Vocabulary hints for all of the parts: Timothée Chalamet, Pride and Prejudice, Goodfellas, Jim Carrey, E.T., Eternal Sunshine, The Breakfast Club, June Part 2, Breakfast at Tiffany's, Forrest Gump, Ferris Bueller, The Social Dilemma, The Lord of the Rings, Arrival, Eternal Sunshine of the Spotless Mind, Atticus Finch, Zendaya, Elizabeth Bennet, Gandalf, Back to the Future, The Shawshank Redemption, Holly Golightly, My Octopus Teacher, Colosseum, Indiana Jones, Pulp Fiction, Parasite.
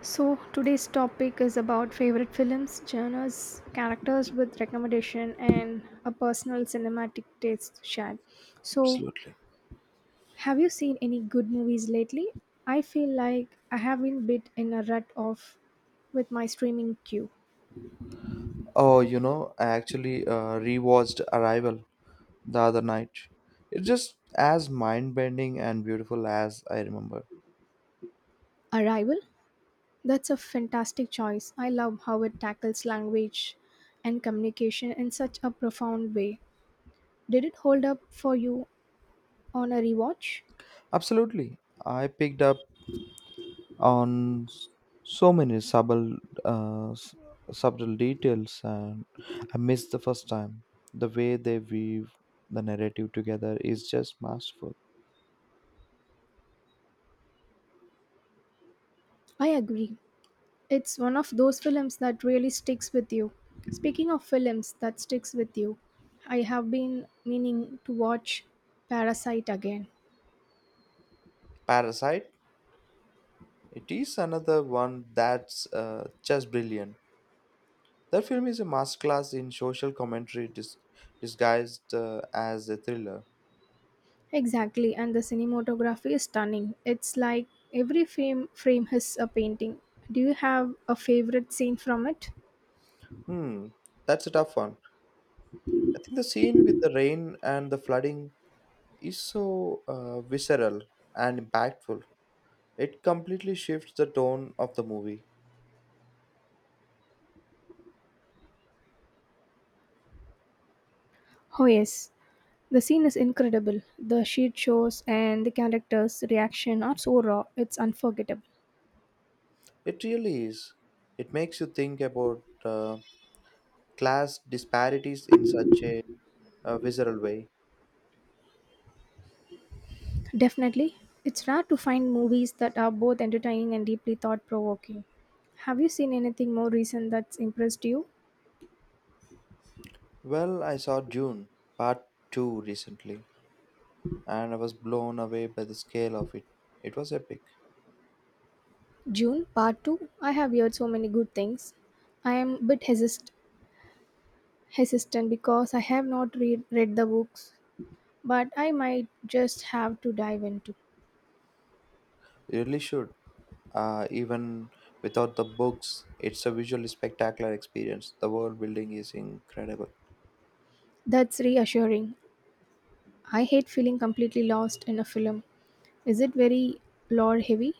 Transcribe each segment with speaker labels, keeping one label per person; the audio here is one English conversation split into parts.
Speaker 1: So today's topic is about favorite films, genres, characters with recommendation, and a personal cinematic taste shared. So,
Speaker 2: Absolutely.
Speaker 1: have you seen any good movies lately? I feel like I have been bit in a rut of with my streaming queue.
Speaker 2: I actually rewatched Arrival the other night. It's just as mind bending and beautiful as I remember.
Speaker 1: Arrival? That's a fantastic choice. I love how it tackles language and communication in such a profound way. Did it hold up for you on a rewatch?
Speaker 2: Absolutely. I picked up on s- so many subtle, uh, s- subtle details, and I missed the first time. The way they weave the narrative together is just masterful.
Speaker 1: I agree. It's one of those films that really sticks with you. Speaking of films that sticks with you, I have been meaning to watch Parasite again.
Speaker 2: Parasite, it is another one that's just brilliant. That film is a masterclass in social commentary disguised as a thriller.
Speaker 1: Exactly, and the cinematography is stunning. It's like every frame has a painting. Do you have a favorite scene from it?
Speaker 2: Hmm, that's a tough one. I think the scene with the rain and the flooding is so visceral and impactful. It completely shifts the tone of the movie.
Speaker 1: Oh yes. The scene is incredible. The sheet shows and the characters' reaction are so raw, it's unforgettable.
Speaker 2: It really is. It makes you think about class disparities in such a visceral way.
Speaker 1: Definitely. It's rare to find movies that are both entertaining and deeply thought provoking. Have you seen anything more recent that's impressed you?
Speaker 2: Well, I saw June Part 2 recently, and I was blown away by the scale of it. It was epic.
Speaker 1: June, part 2. I have heard so many good things. I am a bit hesitant because I have not read the books, but I might just have to dive into.
Speaker 2: You really should. Even without the books, it's a visually spectacular experience. The world building is incredible.
Speaker 1: That's reassuring. I hate feeling completely lost in a film. Is it very lore heavy?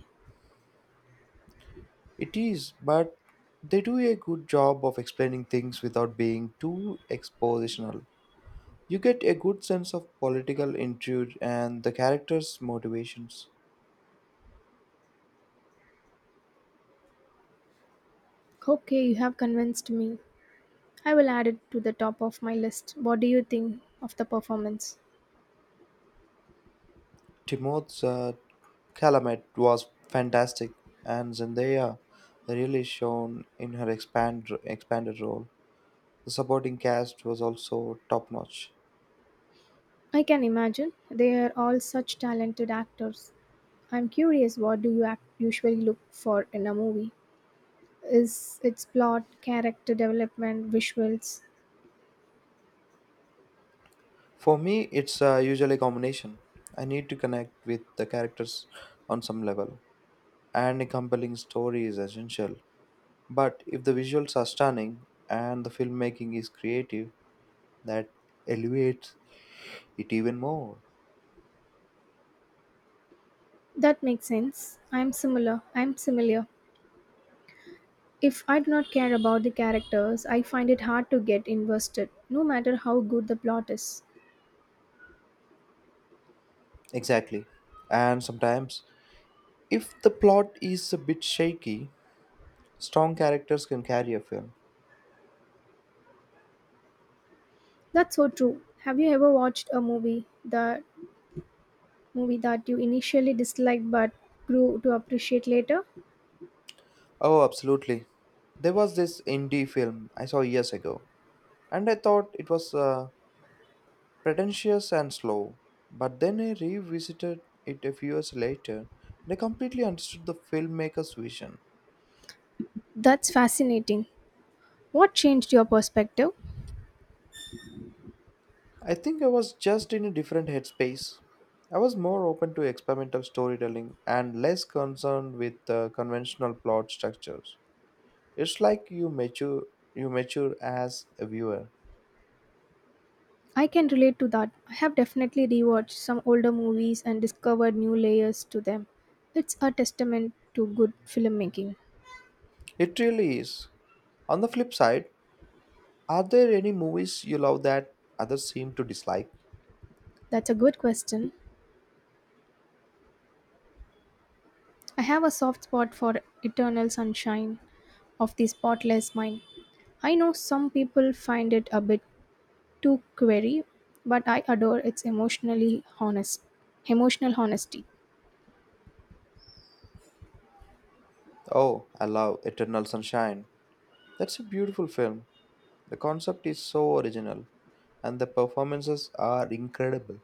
Speaker 2: It is, but they do a good job of explaining things without being too expositional. You get a good sense of political intrigue and the characters' motivations.
Speaker 1: Okay, you have convinced me. I will add it to the top of my list. What do you think of the performance?
Speaker 2: Timothée Chalamet was fantastic, and Zendaya really shone in her expanded role. The supporting cast was also top notch.
Speaker 1: I can imagine they are all such talented actors. I'm curious, what do you usually look for in a movie? Is its plot, character development, visuals?
Speaker 2: For me, it's usually a combination. I need to connect with the characters on some level, and a compelling story is essential. But if the visuals are stunning and the filmmaking is creative, that elevates it even more.
Speaker 1: That makes sense. I'm similar. If I do not care about the characters, I find it hard to get invested, no matter how good the plot is.
Speaker 2: Exactly. And sometimes, if the plot is a bit shaky, strong characters can carry a film.
Speaker 1: That's so true. Have you ever watched a movie that you initially disliked but grew to appreciate later?
Speaker 2: Oh, absolutely. There was this indie film I saw years ago, and I thought it was. Pretentious and slow. But then I revisited it a few years later and I completely understood the filmmaker's vision.
Speaker 1: That's fascinating. What changed your perspective?
Speaker 2: I think I was just in a different headspace. I was more open to experimental storytelling and less concerned with conventional plot structures. It's like you mature as a viewer.
Speaker 1: I can relate to that. I have definitely rewatched some older movies and discovered new layers to them. It's a testament to good filmmaking.
Speaker 2: It really is. On the flip side, are there any movies you love that others seem to dislike?
Speaker 1: That's a good question. I have a soft spot for Eternal Sunshine of the Spotless Mind. I know some people find it a bit too query, but I adore its emotional honesty.
Speaker 2: Oh, I love Eternal Sunshine. That's a beautiful film. The concept is so original, and the performances are incredible.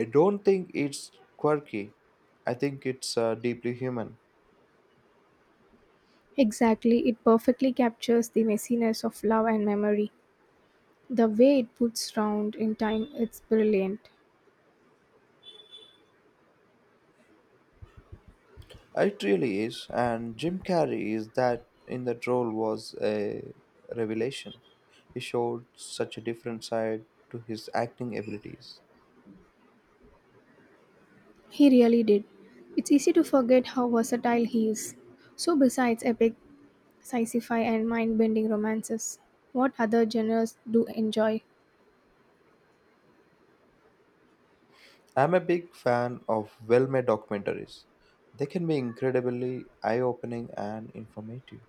Speaker 2: I don't think it's quirky, I think it's deeply human.
Speaker 1: Exactly, it perfectly captures the messiness of love and memory. The way it puts round in time, it's brilliant.
Speaker 2: It really is, and Jim Carrey is that in that role was a revelation. He showed such a different side to his acting abilities.
Speaker 1: He really did. It's easy to forget how versatile he is. So, besides epic, sci-fi, and mind-bending romances, what other genres do you enjoy?
Speaker 2: I'm a big fan of well made documentaries, they can be incredibly eye opening and informative.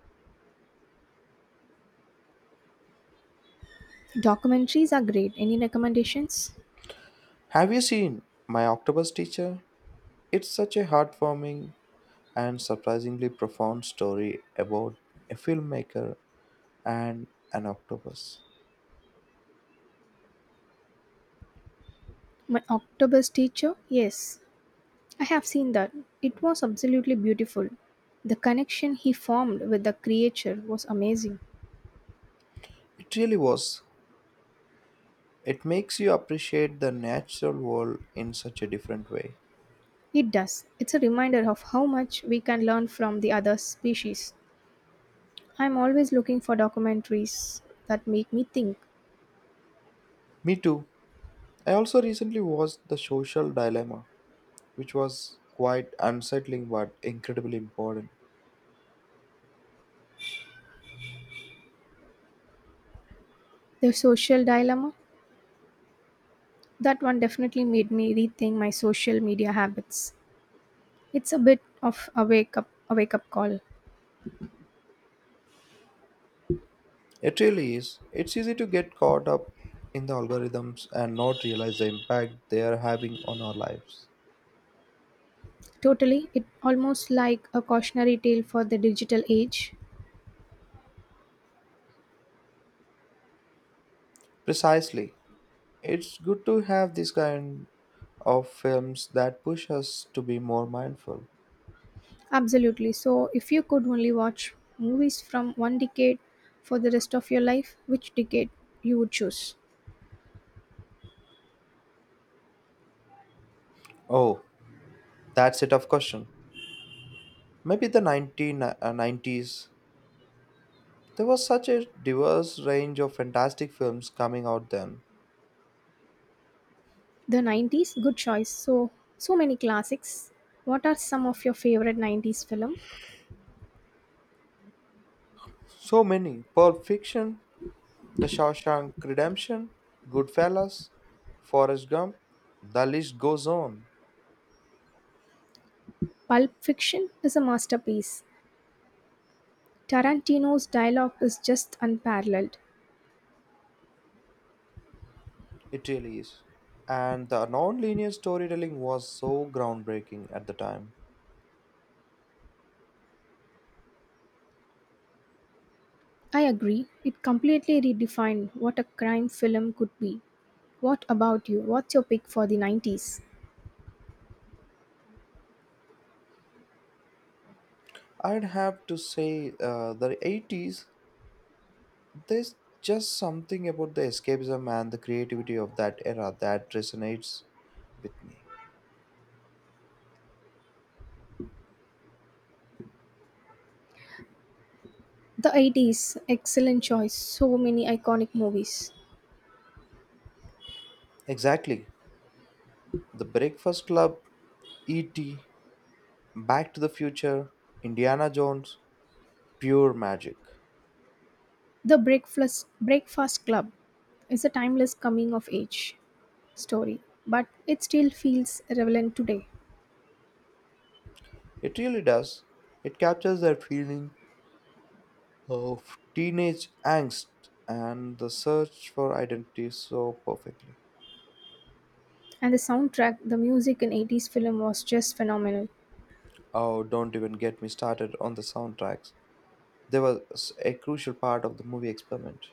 Speaker 1: Documentaries are great. Any recommendations?
Speaker 2: Have you seen My Octopus Teacher? It's such a heartwarming and surprisingly profound story about a filmmaker and an octopus.
Speaker 1: My Octopus Teacher? Yes, I have seen that. It was absolutely beautiful. The connection he formed with the creature was amazing.
Speaker 2: It really was. It makes you appreciate the natural world in such a different way.
Speaker 1: It does. It's a reminder of how much we can learn from the other species. I'm always looking for documentaries that make me think.
Speaker 2: Me too. I also recently watched The Social Dilemma, which was quite unsettling but incredibly important.
Speaker 1: The social dilemma, that one definitely made me rethink my social media habits. It's a bit of a wake up call.
Speaker 2: It really is. It's easy to get caught up in the algorithms and not realize the impact they are having on our lives.
Speaker 1: Totally, it almost like a cautionary tale for the digital age.
Speaker 2: Precisely. It's good to have this kind of films that push us to be more mindful.
Speaker 1: Absolutely. So, if you could only watch movies from one decade for the rest of your life, which decade you would choose?
Speaker 2: Oh, that's it of question. Maybe the 1990s. There was such a diverse range of fantastic films coming out then.
Speaker 1: The 90s, good choice. So many classics. What are some of your favorite 90s film?
Speaker 2: So many. Pulp Fiction, The Shawshank Redemption, Goodfellas, Forrest Gump. The list goes on.
Speaker 1: Pulp Fiction is a masterpiece. Tarantino's dialogue is just unparalleled.
Speaker 2: It really is. And the non-linear storytelling was so groundbreaking at the time.
Speaker 1: I agree. It completely redefined what a crime film could be. What about you? What's your pick for the 90s?
Speaker 2: I'd have to say the 80s, there's just something about the escapism and the creativity of that era that resonates with me.
Speaker 1: The 80s, excellent choice. So many iconic movies.
Speaker 2: Exactly. The Breakfast Club, E.T., Back to the Future, Indiana Jones, pure magic.
Speaker 1: The Breakfast Club is a timeless coming of age story, but it still feels relevant today.
Speaker 2: It really does. It captures that feeling of teenage angst and the search for identity so perfectly.
Speaker 1: And the soundtrack, the music in 80s film was just phenomenal.
Speaker 2: Oh, don't even get me started on the soundtracks. There was a crucial part of the movie experiment.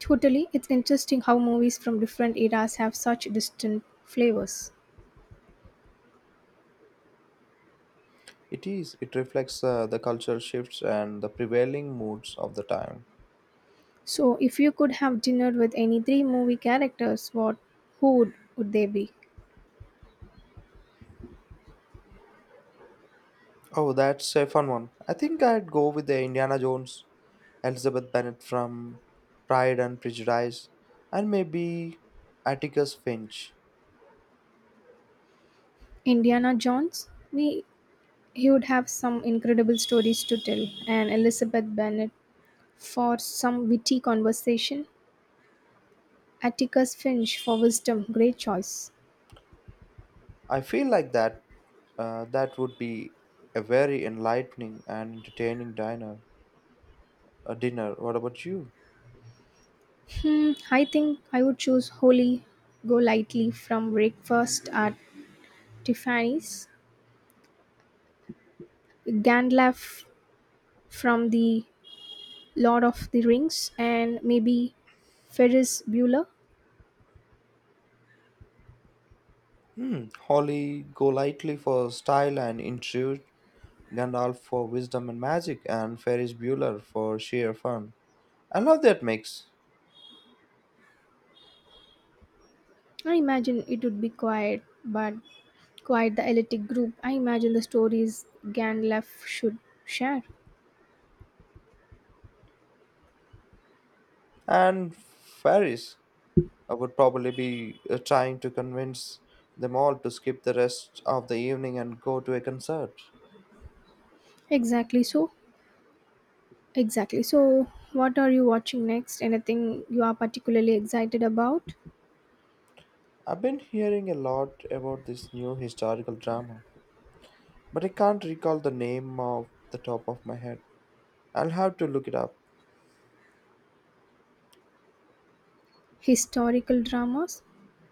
Speaker 1: Totally, it's interesting how movies from different eras have such distinct flavors.
Speaker 2: It is. It reflects the cultural shifts and the prevailing moods of the time.
Speaker 1: So, if you could have dinner with any three movie characters, what would they be?
Speaker 2: Oh, that's a fun one. I think I'd go with the Indiana Jones, Elizabeth Bennet from Pride and Prejudice, and maybe Atticus Finch.
Speaker 1: Indiana Jones? We He would have some incredible stories to tell, and Elizabeth Bennet for some witty conversation. Atticus Finch for wisdom, great choice.
Speaker 2: I feel like that would be a very enlightening and entertaining diner. A dinner. What about you?
Speaker 1: Hmm, I think I would choose Holy Go Lightly from Breakfast at Tiffany's, Gandalf from The Lord of the Rings, and maybe Ferris Bueller.
Speaker 2: Hmm. Holly Golightly for style and intrigue, Gandalf for wisdom and magic, and Ferris Bueller for sheer fun. I love that mix.
Speaker 1: I imagine it would be quiet, but quite the elitic group. I imagine the stories Gandalf should share.
Speaker 2: And Ferris I would probably be trying to convince them all to skip the rest of the evening and go to a concert.
Speaker 1: Exactly so. Exactly. So, what are you watching next? Anything you are particularly excited about?
Speaker 2: I've been hearing a lot about this new historical drama, but I can't recall the name off the top of my head. I'll have to look it up.
Speaker 1: Historical dramas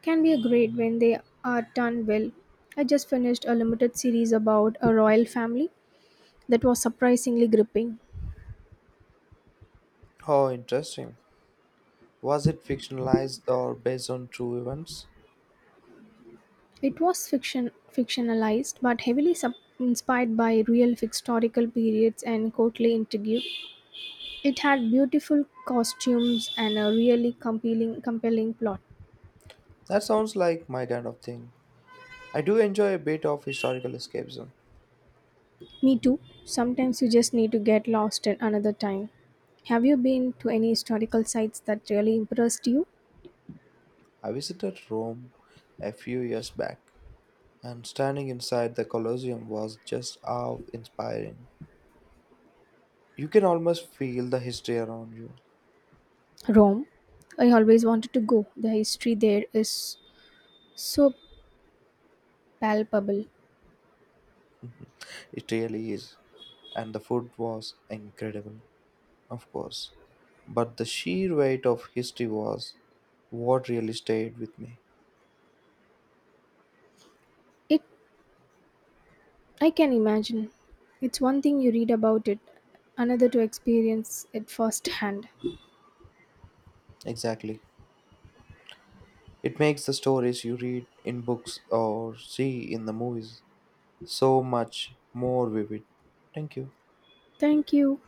Speaker 1: can be a great when they are done well. I just finished a limited series about a royal family that was surprisingly gripping.
Speaker 2: Oh, interesting. Was it fictionalized or based on true events?
Speaker 1: It was fictionalized but heavily inspired by real historical periods and courtly intrigue. It had beautiful costumes and a really compelling plot.
Speaker 2: That sounds like my kind of thing. I do enjoy a bit of historical escapism.
Speaker 1: Me too. Sometimes you just need to get lost in another time. Have you been to any historical sites that really impressed you?
Speaker 2: I visited Rome a few years back, and standing inside the Colosseum was just awe inspiring. You can almost feel the history around you.
Speaker 1: Rome. I always wanted to go. The history there is so palpable.
Speaker 2: It really is. And the food was incredible, of course. But the sheer weight of history was what really stayed with me.
Speaker 1: It I can imagine. It's one thing you read about it, another to experience it firsthand.
Speaker 2: Exactly. It makes the stories you read in books or see in the movies so much more vivid. Thank you.
Speaker 1: Thank you.